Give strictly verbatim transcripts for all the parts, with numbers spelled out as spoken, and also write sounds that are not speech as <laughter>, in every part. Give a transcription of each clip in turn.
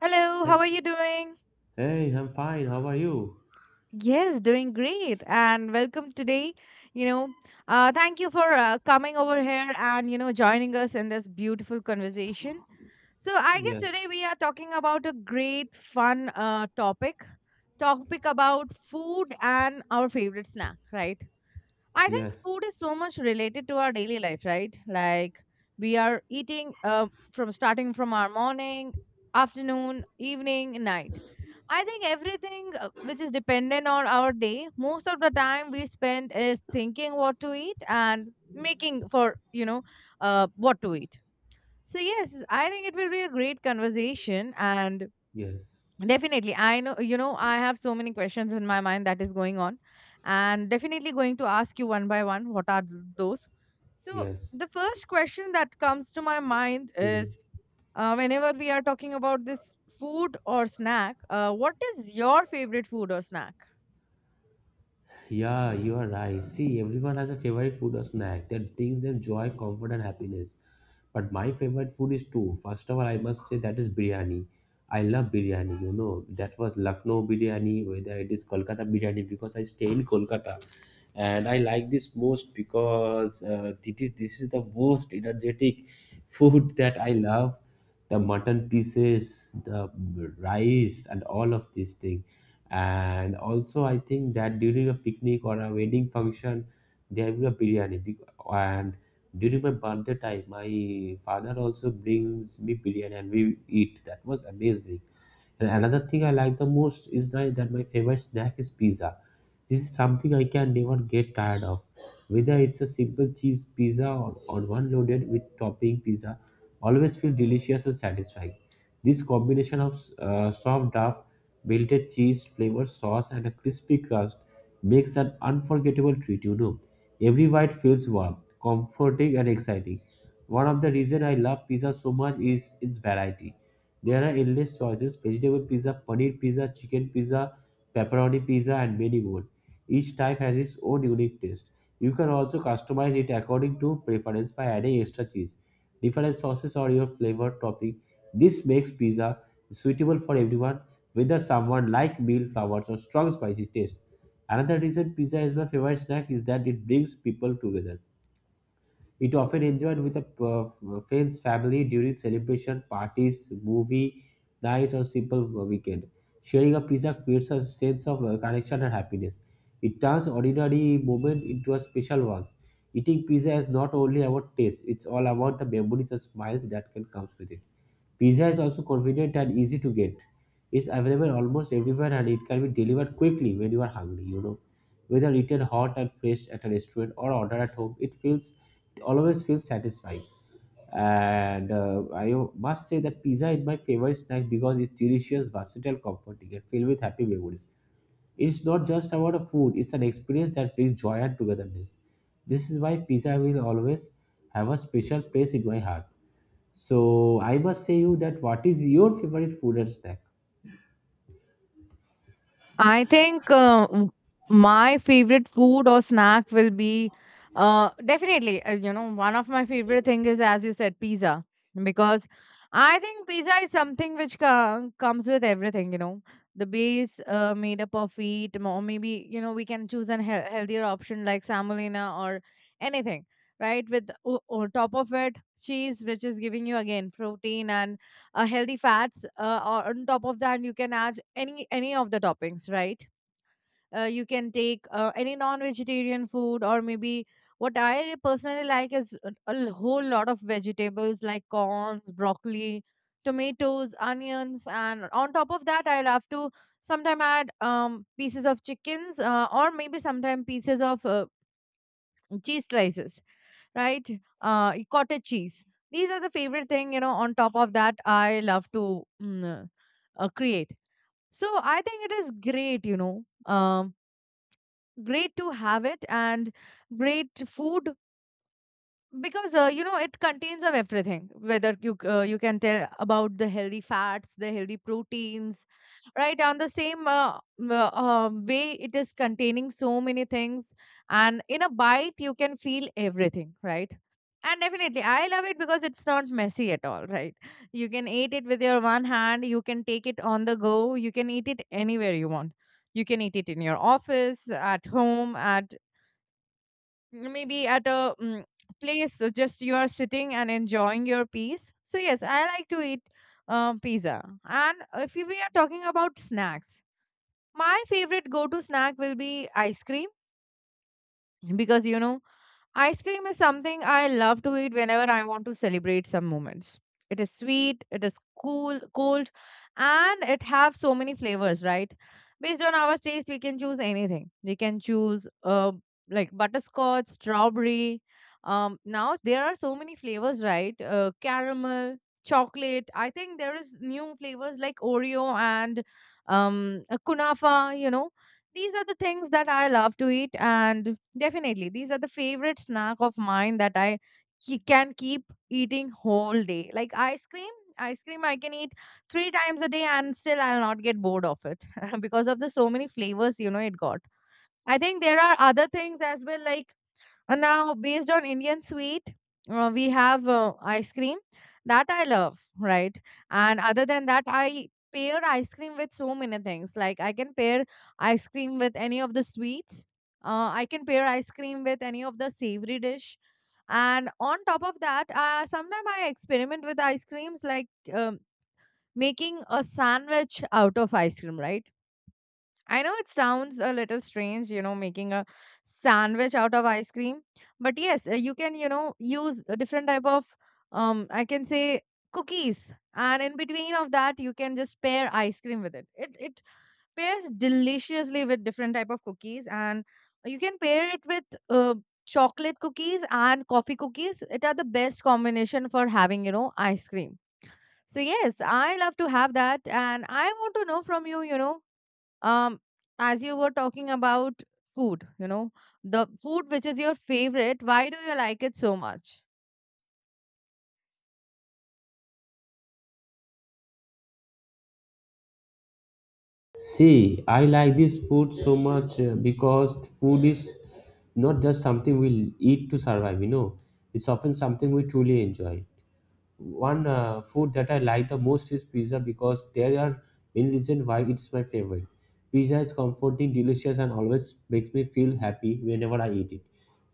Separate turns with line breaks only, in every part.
Hello,
Hey,
how are you doing?
hey, I'm fine. How are you?
Yes, doing great. And welcome today. You know, uh, thank you for uh, coming over here and, you know, joining us in this beautiful conversation. So, I guess
Yes,
today we are talking about a great, fun uh, topic topic about food and our favorite snack, right? I think
yes,
food is so much related to our daily life, right? Like we are eating uh, from starting from our morning, afternoon, evening, night. I think everything uh, which is dependent on our day, most of the time we spend is thinking what to eat and making for, you know, uh, what to eat. So, yes, I think it will be a great conversation and
yes,
definitely. I know, you know, I have so many questions in my mind that is going on, and definitely going to ask you one by one what are th- those. So,
yes.
the first question that comes to my mind
Hmm.
is uh, whenever we are talking about this food or snack, uh, what is your favorite food or snack?
Yeah, you are right. See, everyone has a favorite food or snack that brings them joy, comfort, and happiness. But my favorite food is two. First of all, I must say that is biryani. I love biryani, you know. That was Lucknow biryani, whether it is Kolkata biryani, because I stay in Kolkata. And I like this most because uh, it is, this is the most energetic food that I love. The mutton pieces, the rice, and all of these things and also, I think that during a picnic or a wedding function, there will be a biryani. bec- And during my birthday time, my father also brings me biryani and we eat. That was amazing. And another thing I like the most is the, that my favorite snack is pizza. This is something I can never get tired of. Whether it's a simple cheese pizza or, or one loaded with topping pizza, always feel delicious and satisfying. This combination of uh, soft dough, melted cheese, flavored sauce, and a crispy crust makes an unforgettable treat, you know. Every bite feels warm, comforting, and exciting. One of the reasons I love pizza so much is its variety. There are endless choices vegetable pizza, paneer pizza, chicken pizza, pepperoni pizza, and many more. Each type has its own unique taste. You can also customize it according to preference by adding extra cheese, different sauces, or your flavor topping. This makes pizza suitable for everyone, whether someone like mild flowers or strong spicy taste. Another reason pizza is my favorite snack is that it brings people together. It often enjoyed with a uh, friends, family during celebration, parties, movie nights, or simple weekend. Sharing a pizza creates a sense of uh, connection and happiness. It turns ordinary moment into a special ones. Eating pizza is not only about taste; it's all about the memories and smiles that can comes with it. Pizza is also convenient and easy to get. It's available almost everywhere and it can be delivered quickly when you are hungry, you know. Whether eaten hot and fresh at a restaurant or ordered at home, it feels it always feels satisfying. And uh, I must say that pizza is my favorite snack because it's delicious, versatile, comforting, and filled with happy memories. It's not just about a food, it's an experience that brings joy and togetherness. This is why pizza will always have a special place in my heart. So I must say you that what is your favorite food and snack?
I think uh, w- my favorite food or snack will be uh, definitely, uh, you know, one of my favorite thing is, as you said, pizza. Because I think pizza is something which co- comes with everything, you know. The base uh, made up of wheat, or maybe, you know, we can choose a he- healthier option like semolina or anything, right? With o- on top of it, cheese, which is giving you again protein and uh, healthy fats. Uh, or on top of that, you can add any any of the toppings, right? Uh, you can take uh, any non-vegetarian food, or maybe what I personally like is a, a whole lot of vegetables like corns, broccoli, tomatoes, onions, and on top of that, I love to sometime add um, pieces of chickens, uh, or maybe sometime pieces of uh, cheese slices, right? Uh, cottage cheese. These are the favorite thing, you know. On top of that, I love to mm, uh, create. So I think it is great, you know, um, great to have it and great food because uh, you know it contains of everything. Whether you c- uh, you can tell about the healthy fats, the healthy proteins, right? On the same uh, uh, uh, um, way, it is containing so many things, and in a bite you can feel everything, right? And definitely, I love it because it's not messy at all, right? You can eat it with your one hand, you can take it on the go, you can eat it anywhere you want. You can eat it in your office, at home, at maybe at a mm, place, so just you are sitting and enjoying your peace. So, yes, I like to eat um, pizza. And if we are talking about snacks, my favorite go to snack will be ice cream because you know ice cream is something I love to eat whenever I want to celebrate some moments. It is sweet, it is cool, cold, and it have so many flavors, right? Based on our taste, we can choose anything. We can choose uh like butterscotch, strawberry. Um, now there are so many flavors, right? Uh, caramel, chocolate. I think there is new flavors like Oreo and um uh, kunafa. You know these are the things that I love to eat, and definitely, these are the favorite snack of mine that I ke- can keep eating whole day. Like ice cream, ice cream I can eat three times a day, and still I'll not get bored of it <laughs> because of the so many flavors you know it got. I think there are other things as well, like and now, based on Indian sweet, uh, we have uh, ice cream that I love, right? And other than that, I pair ice cream with so many things. Like I can pair ice cream with any of the sweets. Uh, I can pair ice cream with any of the savory dish. And on top of that, uh, sometimes I experiment with ice creams like um, making a sandwich out of ice cream, right? I know it sounds a little strange, you know, making a sandwich out of ice cream, but yes, uh, you can, you know, use a different type of, um, I can say cookies, and in between of that, you can just pair ice cream with it. It it pairs deliciously with different type of cookies, and you can pair it with uh, chocolate cookies and coffee cookies. It are the best combination for having, you know, ice cream. So yes, I love to have that, and I want to know from you, you know um as you were talking about food, you know, the food which is your favorite, why do you like it so much?
See, I like this food so much uh, because food is not just something we eat to survive, you know. It's often something we truly enjoy. One uh, food that I like the most is pizza because there are many reasons why it's my favorite. Pizza is comforting, delicious, and always makes me feel happy whenever I eat it.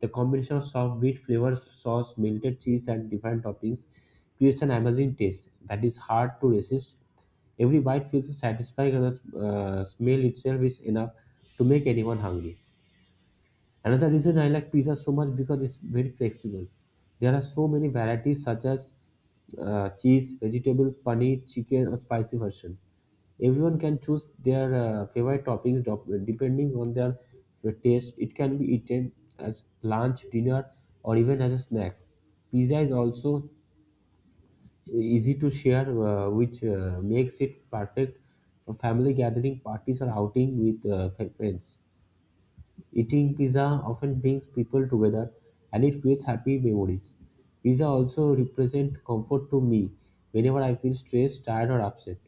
The combination of soft wheat flavors, sauce, melted cheese, and different toppings creates an amazing taste that is hard to resist. Every bite feels satisfying, and the uh, smell itself is enough to make anyone hungry. Another reason I like pizza so much because it's very flexible. There are so many varieties such as uh, cheese, vegetable, paneer, chicken, or spicy version. Everyone can choose their uh, favorite toppings dop- depending on their taste. It can be eaten as lunch, dinner, or even as a snack. Pizza is also easy to share, uh, which uh, makes it perfect for family gathering, parties, or outing with uh, friends. Eating pizza often brings people together and it creates happy memories. Pizza also represents comfort to me whenever I feel stressed, tired, or upset.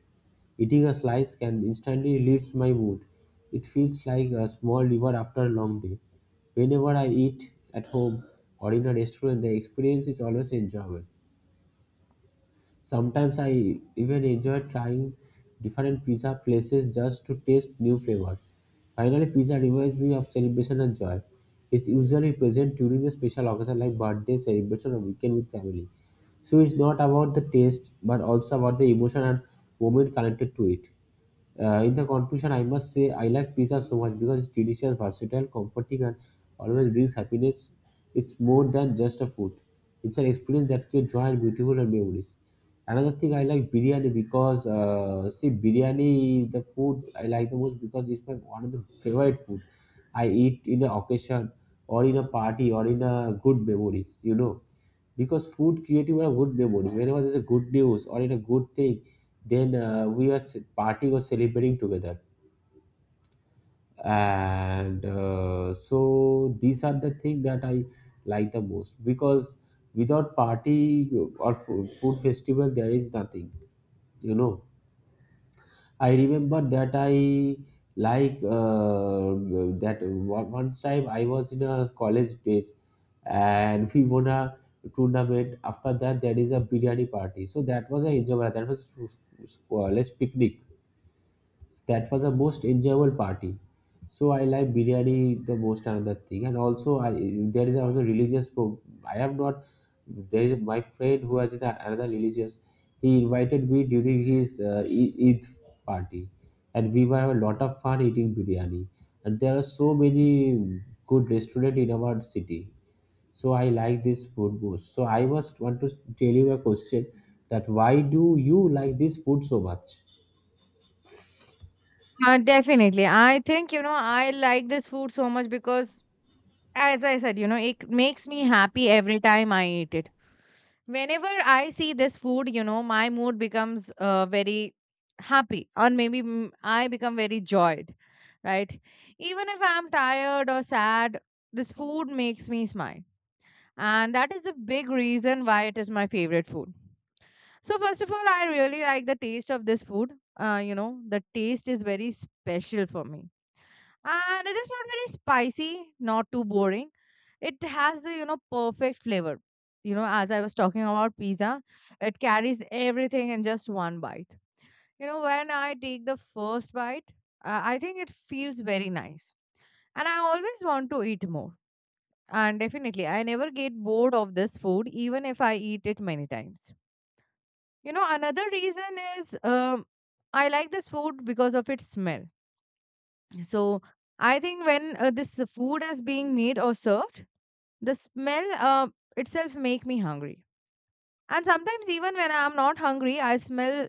Eating a slice can instantly lift my mood. It feels like a small reward after a long day. Whenever I eat at home or in a restaurant, the experience is always enjoyable. Sometimes I even enjoy trying different pizza places just to taste new flavors. Finally, pizza reminds me of celebration and joy. It's usually present during a special occasion like birthday, celebration, or weekend with family. So it's not about the taste, but also about the emotion and moment connected to it. Uh, in the conclusion, I must say I like pizza so much because it's delicious, versatile, comforting, and always brings happiness. It's more than just a food; it's an experience that creates joy and beautiful and memories. Another thing I like biryani because uh, see biryani is the food I like the most because it's my one of the favorite food. I eat in an occasion or in a party or in a good memories, you know because food creative a good memory whenever there's a good news or in a good thing then uh, we are ce- partying or celebrating together and uh, so these are the thing that I like the most because without party or fo- food festival there is nothing, you know. I remember that I like uh, that one, one time I was in a college days and we won a tournament. After that, there is a biryani party. So that was a enjoyable. That was college picnic, that was the most enjoyable party. So I like biryani the most another thing, and also I there is also religious. Pro- I have not. There is my friend who has the, another religious. He invited me during his uh, E- Eid party, and we were have a lot of fun eating biryani. And there are so many good restaurant in our city. So I like this food most. So I must want to tell you a question that why do you like this food so much?
Uh, definitely. I think, you know, I like this food so much because, as I said, you know, it makes me happy every time I eat it. Whenever I see this food, you know, my mood becomes uh, very happy, or maybe mm, I become very joyed, right? Even if I'm tired or sad, this food makes me smile and that is the big reason why it is my favorite food. So first of all, I really like the taste of this food. Uh, you know, the taste is very special for me, and it is not very spicy, not too boring. It has the, you know, perfect flavor. You know, as I was talking about pizza, it carries everything in just one bite. You know, when I take the first bite, uh, I think it feels very nice, and I always want to eat more. And definitely, I never get bored of this food, even if I eat it many times. You know, another reason is um, I like this food because of its smell. So I think when uh, this food is being made or served, the smell uh, itself make me hungry. And sometimes even when I'm not hungry, I smell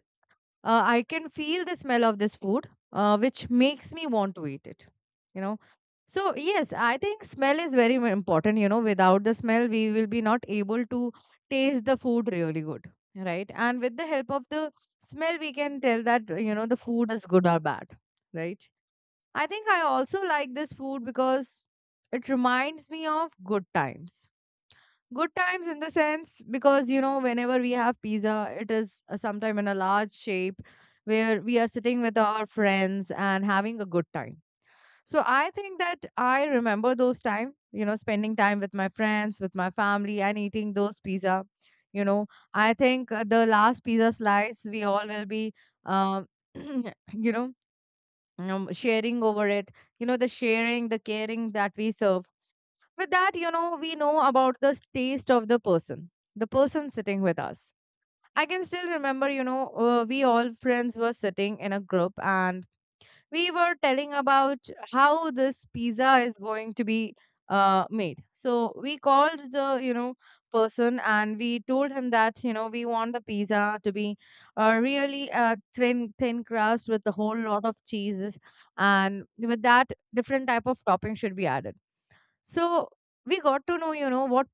uh, I can feel the smell of this food, uh, which makes me want to eat it. You know, so yes, I think smell is very mu- important. You know, without the smell, we will be not able to taste the food really good, right? And with the help of the smell, we can tell that uh, you know the food is good or bad, right? I think I also like this food because it reminds me of good times. Good times in the sense because you know whenever we have pizza it is uh, sometime in a large shape where we are sitting with our friends and having a good time. So I think that I remember those time, you know, spending time with my friends, with my family, and eating those pizza. You know, I think uh, the last pizza slice we all will be um, <clears throat> you know, um, sharing over it. You know, the sharing, the caring that we serve with that, you know, we know about the taste of the person, the person sitting with us. I can still remember, you know, uh, we all friends were sitting in a group and we were telling about how this pizza is going to be uh, made. So we called the, you know, person and we told him that, you know, we want the pizza to be uh, really uh, thin, thin crust with a whole lot of cheeses. And with that, different type of topping should be added. So we got to know, you know, what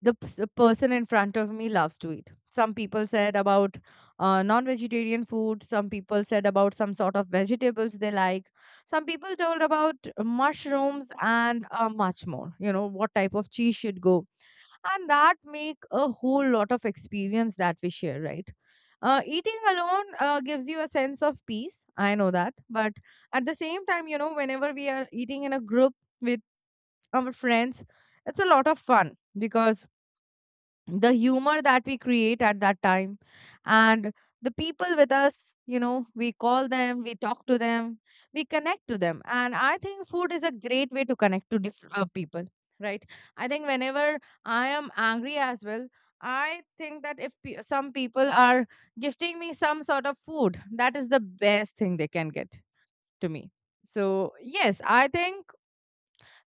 the p- s- person in front of me loves to eat. Some people said about uh, non vegetarian food, some people said about some sort of vegetables they like, some people told about mushrooms and uh, much more, you know, what type of cheese should go. And that make a whole lot of experience that we share, right? Uh, eating alone uh, gives you a sense of peace. I know that. But at the same time, you know, whenever we are eating in a group, we our friends, it's a lot of fun because the humor that we create at that time and the people with us, you know, we call them, we talk to them, we connect to them. And I think food is a great way to connect to different uh, people, right? I think whenever I am angry as well, I think that if pe- some people are gifting me some sort of food, that is the best thing they can get to me. So, yes, I think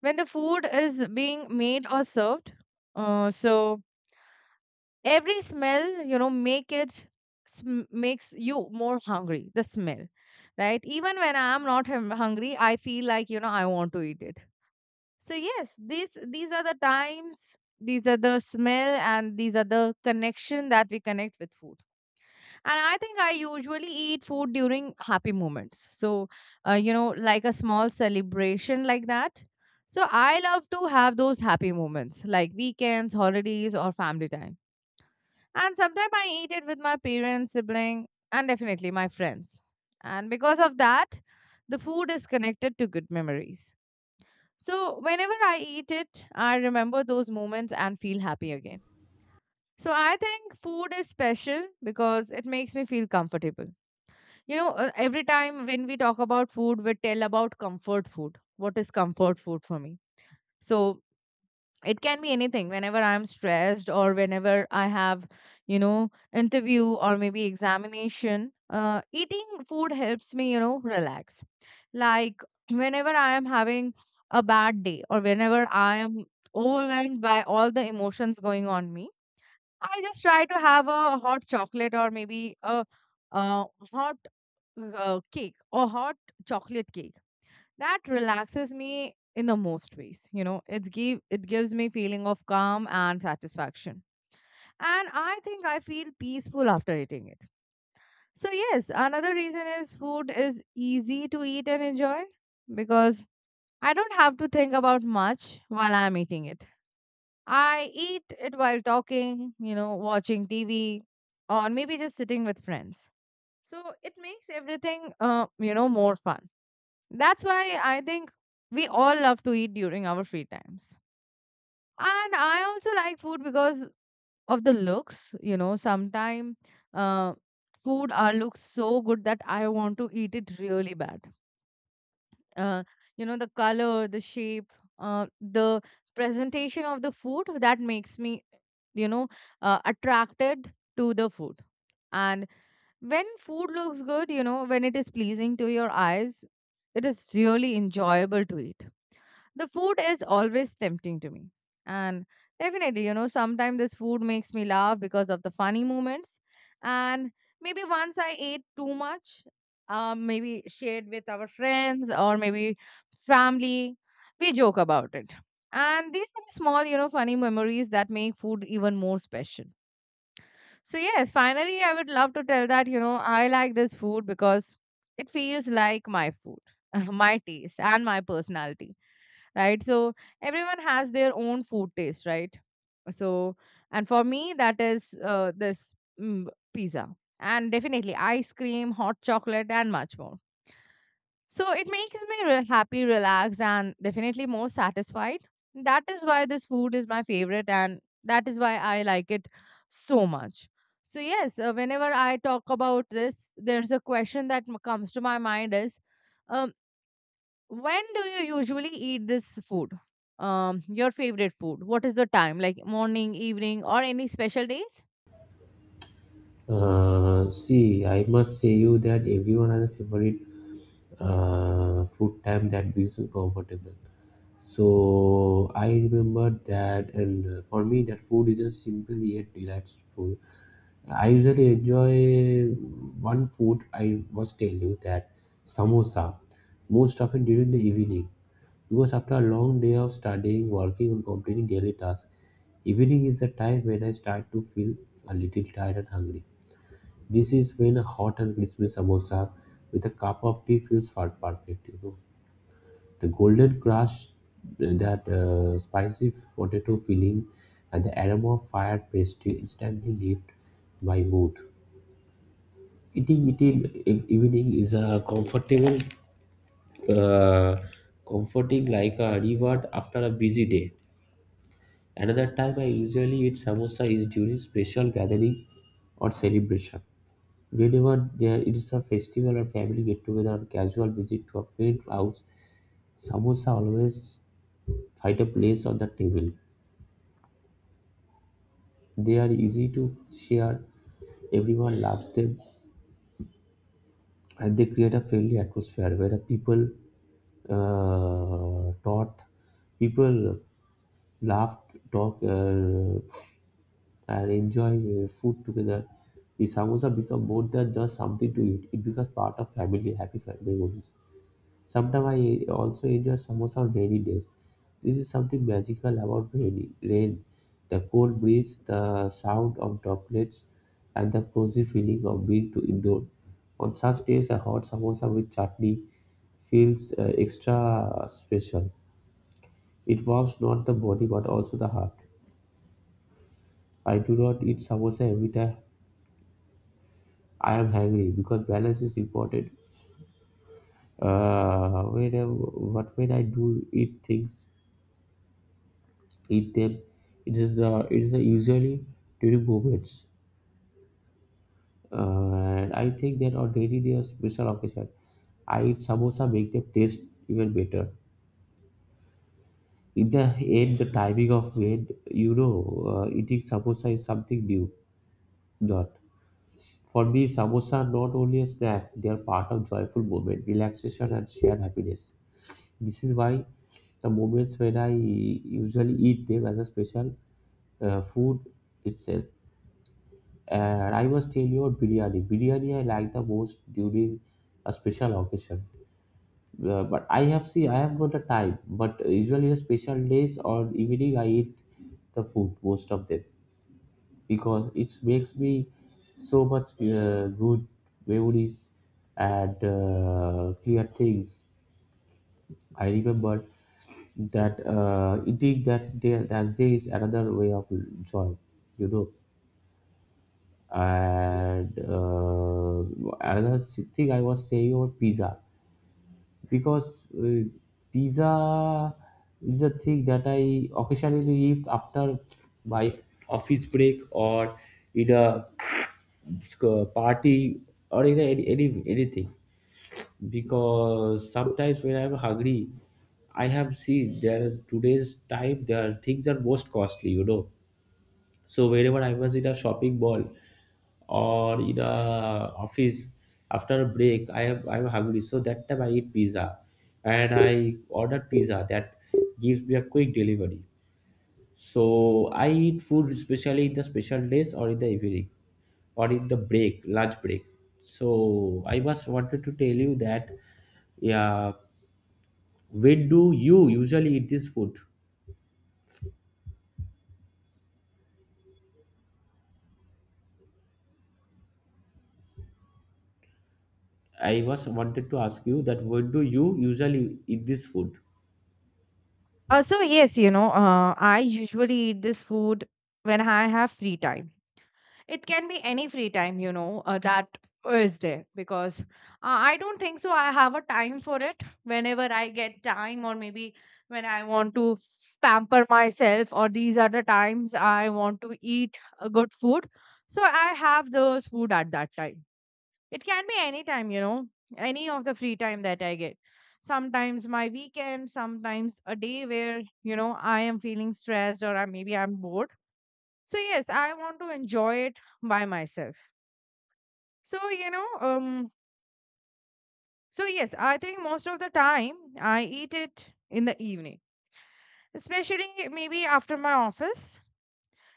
when the food is being made or served, uh, so every smell, you know, make it sm- makes you more hungry, the smell, right? Even when I am not hum- hungry, I feel like, you know, I want to eat it. So, yes, these these are the times, these are the smell, and these are the connection that we connect with food. And I think I usually eat food during happy moments. So, uh, you know, like a small celebration like that. So, I love to have those happy moments like weekends, holidays, or family time. And sometimes I eat it with my parents, sibling, and definitely my friends. And because of that, the food is connected to good memories. So, whenever I eat it, I remember those moments and feel happy again. So, I think food is special because it makes me feel comfortable. You know, uh, every time when we talk about food, we tell about comfort food. What is comfort food for me? So, it can be anything. Whenever I'm stressed or whenever I have, you know, interview or maybe examination, uh, eating food helps me, you know, relax. Like whenever I am having a bad day or whenever I am overwhelmed by all the emotions going on me, I just try to have a hot chocolate or maybe a, uh hot, uh, cake or hot chocolate cake. That relaxes me in the most ways. You know, it's give it gives me feeling of calm and satisfaction. And I think I feel peaceful after eating it. So yes, another reason is food is easy to eat and enjoy because I don't have to think about much while I'm eating it. I eat it while talking, you know, watching T V, or maybe just sitting with friends. So it makes everything, uh, you know, more fun. That's why I think we all love to eat during our free times. And I also like food because of the looks, you know. Sometimes uh, food are looks so good that I want to eat it really bad. uh, you know, the color, the shape, uh, the presentation of the food, that makes me, you know, uh, attracted to the food. And when food looks good, you know, when it is pleasing to your eyes, it is really enjoyable to eat. The food is always tempting to me. And definitely, you know, sometimes this food makes me laugh because of the funny moments. And maybe once I ate too much, um, maybe shared with our friends or maybe family, we joke about it. And these are the small, you know, funny memories that make food even more special. So, yes, finally, I would love to tell that, you know, I like this food because it feels like my food, <laughs> my taste, and my personality, right? So, everyone has their own food taste, right? So, and for me, that is uh, this mm, pizza, and definitely ice cream, hot chocolate, and much more. So it makes me re- happy, relaxed, and definitely more satisfied. That is why this food is my favorite, and that is why I like it so much. So yes, uh, whenever I talk about this, there's a question that m- comes to my mind is, um, when do you usually eat this food? Um, your favorite food? What is the time? Like morning, evening, or any special days?
Uh, see, I must say you that everyone has a favorite uh, food time that makes you comfortable. So I remember that, and uh, for me, that food is just simple yet delightful. I usually enjoy one food. I was telling you that samosa, most often during the evening, because after a long day of studying, working, and completing daily tasks, evening is the time when I start to feel a little tired and hungry. This is when a hot and crispy samosa with a cup of tea feels far perfect. You know, the golden crust, that uh, spicy potato filling, and the aroma of fired pastry instantly lift my mood. Eating it in ev- evening is a comfortable, uh, comforting like a reward after a busy day. Another time I usually eat samosa is during special gathering or celebration. Whenever there is a festival or family get-together or casual visit to a friend's house, samosa always find a place on the table. They are easy to share, everyone loves them, and they create a friendly atmosphere where people uh, taught people laugh, talk, uh, and enjoy uh, food together. The samosa become more than just something to eat; it becomes part of family happy family memories. Sometimes I also enjoy samosa on rainy days. This is something magical about rainy, rain. The cold breeze, the sound of droplets, and the cozy feeling of being to indoor. On such days, a hot samosa with chutney feels uh, extra special. It warms not the body but also the heart. I do not eat samosa every time I am hungry because balance is important. Uh, when I, but when I do eat things eat them. It is the it is the usually during moments, uh, and I think that on daily they are special occasion. I eat samosa make them taste even better. In the end, the timing of when you know uh, eating samosa is something new. Not for me, samosa are not only a snack; they are part of joyful moment, relaxation, and shared happiness. This is why the moments when I usually eat them as a special uh, food itself. And I must tell you about biryani. Biryani I like the most during a special occasion. Uh, but I have see I have got the time. But usually the special days or evening I eat the food most of them because it makes me so much uh, good memories and uh, clear things. I remember that uh, eating that day that day is another way of joy, you know. And uh, another thing I was saying about pizza, because uh, pizza is a thing that I occasionally eat after my office break or in a uh, party or in a, any, any anything, because sometimes when I'm hungry, I have seen there today's time there are things are most costly, you know. So whenever I was in a shopping mall or in a office, after a break i have I'm hungry, so that time I eat pizza. And I order pizza that gives me a quick delivery. So I eat food especially in the special days or in the evening or in the break lunch break. So I was wanted to tell you that, yeah. When do you usually eat this food? I was wanted to ask you that, when do you usually eat this food?
Uh, so, yes, you know, uh, I usually eat this food when I have free time. It can be any free time, you know, uh, that is there, because uh, I don't think so I have a time for it. Whenever I get time or maybe when I want to pamper myself, or these are the times I want to eat a good food, so I have those food at that time. It can be any time, you know, any of the free time that I get. Sometimes my weekend, sometimes a day where, you know, I am feeling stressed or I, maybe I'm bored. So yes, I want to enjoy it by myself. So you know, um, so yes, I think most of the time I eat it in the evening, especially maybe after my office,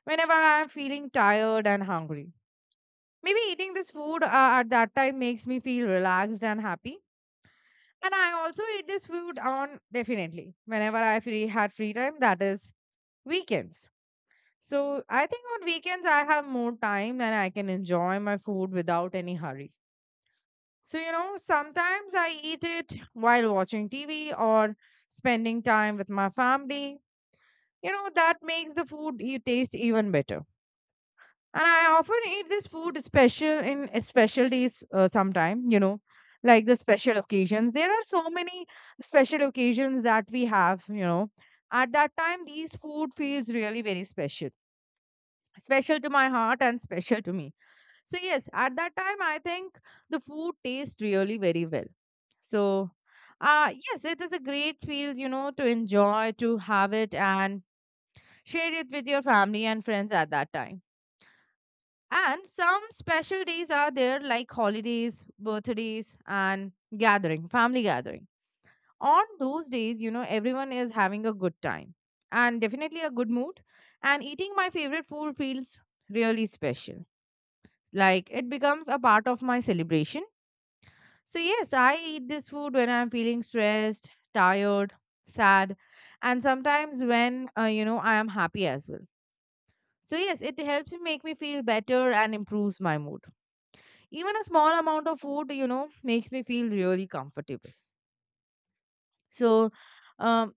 whenever I am feeling tired and hungry. Maybe eating this food uh, at that time makes me feel relaxed and happy. And I also eat this food on definitely whenever I free had free time, that is weekends. So I think on weekends I have more time and I can enjoy my food without any hurry. So, you know, sometimes I eat it while watching T V or spending time with my family. You know, that makes the food you taste even better. And I often eat this food special in uh, special days, uh, sometime, you know, like the special occasions. There are so many special occasions that we have, you know. At that time, these food feels really very special, special to my heart and special to me. So yes, at that time I think the food tastes really very well. So, uh yes, it is a great field, you know, to enjoy, to have it and share it with your family and friends at that time. And some special days are there, like holidays, birthdays and gathering, family gathering. On those days, you know, everyone is having a good time and definitely a good mood, and eating my favorite food feels really special. Like it becomes a part of my celebration. So, yes, I eat this food when I'm feeling stressed, tired, sad, and sometimes when, uh, you know, I am happy as well. So, yes, it helps me make me feel better and improves my mood. Even a small amount of food, you know, makes me feel really comfortable. So, um,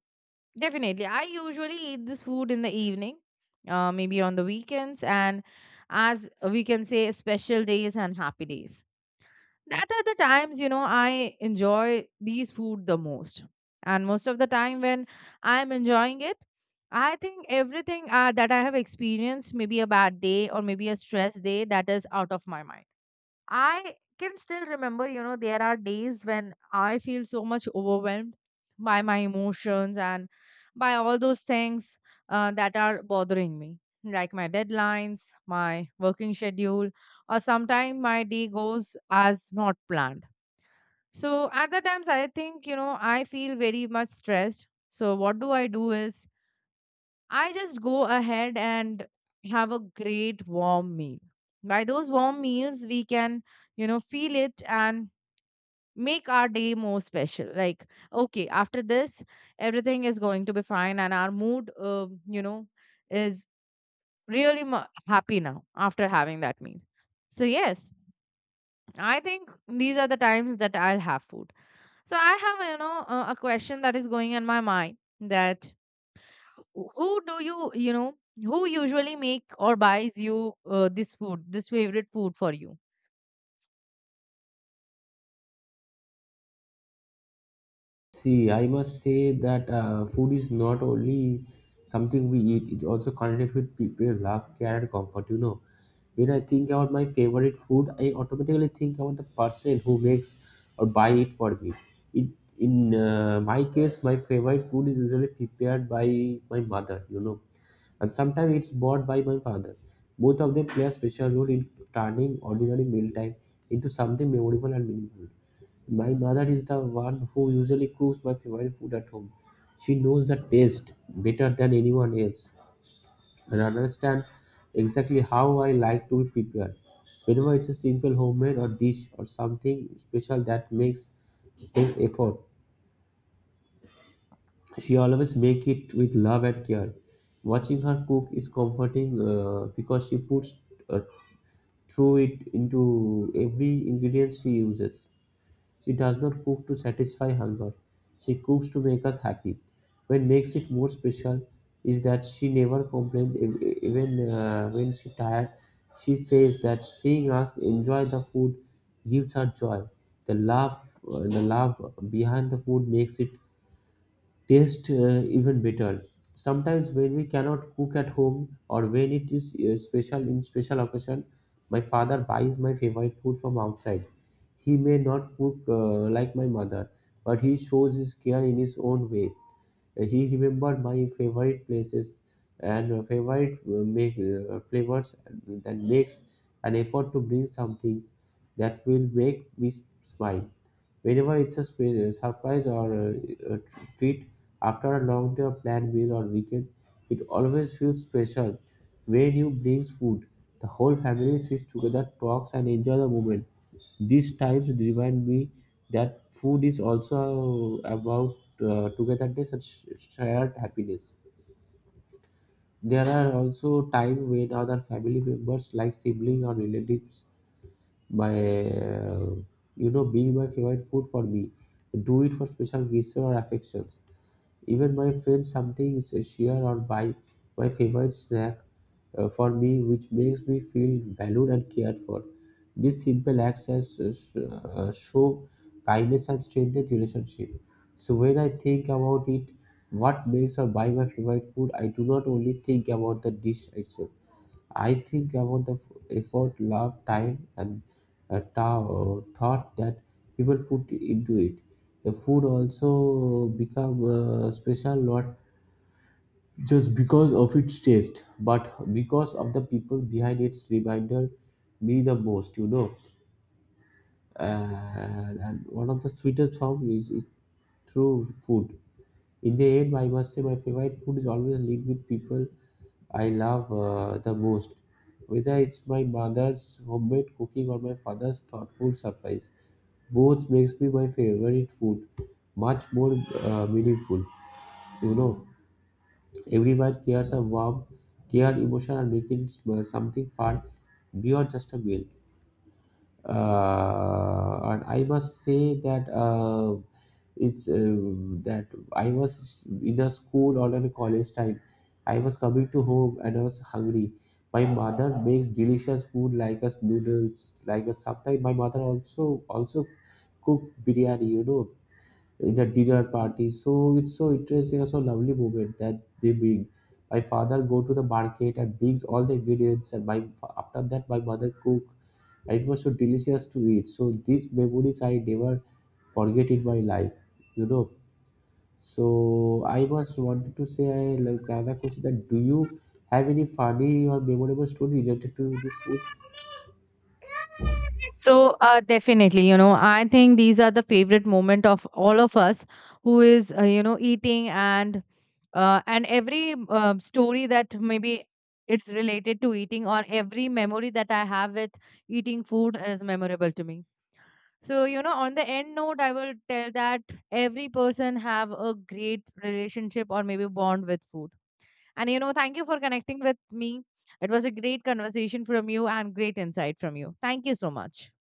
definitely, I usually eat this food in the evening, uh, maybe on the weekends, and as we can say, special days and happy days. That are the times, you know, I enjoy these food the most. And most of the time when I'm enjoying it, I think everything, uh, that I have experienced, maybe a bad day or maybe a stress day, that is out of my mind. I can still remember, you know, there are days when I feel so much overwhelmed by my emotions and by all those things, uh, that are bothering me, like my deadlines, my working schedule, or sometimes my day goes as not planned. So at the times, I think, you know, I feel very much stressed. So what do I do is I just go ahead and have a great warm meal. By those warm meals, we can, you know, feel it and make our day more special. Like, okay, after this, everything is going to be fine, and our mood, uh, you know, is really mu happy now after having that meal. So, yes, I think these are the times that I'll have food. So, I have, you know, uh, a a question that is going in my mind that, who do you, you know, who usually make or buys you uh, this food, this favorite food for you?
See, I must say that uh, food is not only something we eat, it also connected with people, love, care, and comfort. You know, when I think about my favorite food, I automatically think about the person who makes or buy it for me. It, in uh, my case, my favorite food is usually prepared by my mother, you know, and sometimes it's bought by my father. Both of them play a special role in turning ordinary mealtime into something memorable and meaningful. My mother is the one who usually cooks my favorite food at home. She knows the taste better than anyone else and understands exactly how I like to be prepared. Whenever it's a simple homemade or dish or something special that makes takes effort, she always make it with love and care. Watching her cook is comforting uh, because she puts uh, through it into every ingredient she uses. She does not cook to satisfy hunger, she cooks to make us happy. What makes it more special is that she never complains ev- ev- even uh, when she tired. She says that seeing us enjoy the food gives her joy. The love, uh, the love behind the food makes it taste uh, even better. Sometimes when we cannot cook at home or when it is uh, special in special occasion, my father buys my favorite food from outside. He may not cook uh, like my mother, but he shows his care in his own way. He remembered my favorite places and uh, favorite uh, make uh, flavors, and makes an effort to bring some things that will make me smile. Whenever it's a sp- surprise or a, a treat after a long day of planned meal or weekend, it always feels special when you brings food, the whole family sits together, talks and enjoy the moment. These times remind me that food is also about uh, togetherness and sh- shared happiness. There are also times when other family members like siblings or relatives by uh, you know being my favorite food for me. Do it for special gifts or affections. Even my friend sometimes cheer or buy my favorite snack uh, for me, which makes me feel valued and cared for. These simple acts as, uh, show kindness and strengthen relationship. So when I think about it, what makes or buy my favorite food, I do not only think about the dish itself. I think about the f- effort, love, time, and uh, ta- thought that people put into it. The food also become uh, special not just because of its taste, but because of the people behind its reminder me the most, you know. And, and one of the sweetest form is, is through food. In the end, I must say my favorite food is always linked with people I love uh, the most. Whether it's my mother's homemade cooking or my father's thoughtful surprise, both makes me my favorite food much more uh, meaningful. You know, everyone cares a warm, care emotion and making it uh, something fun beyond just a meal uh, and I must say that uh, it's uh, that I was in a school or in a college time. I was coming to home and I was hungry. My mother makes delicious food like us noodles, like a sometimes my mother also also cook biryani, you know, in a dinner party. So it's so interesting and so lovely moment that they bring. My father go to the market and brings all the ingredients, and my after that my mother cook. And it was so delicious to eat. So these memories I never forget in my life. You know. So I was wanted to say I like another question, that do you have any funny or memorable story related to this food?
So, uh, definitely, you know, I think these are the favorite moment of all of us who is, uh, you know, eating. And uh, and every um story that maybe it's related to eating, or every memory that I have with eating food is memorable to me. So you know, on the end note, I will tell that every person have a great relationship or maybe bond with food. And you know, thank you for connecting with me. It was a great conversation from you and great insight from you. Thank you so much.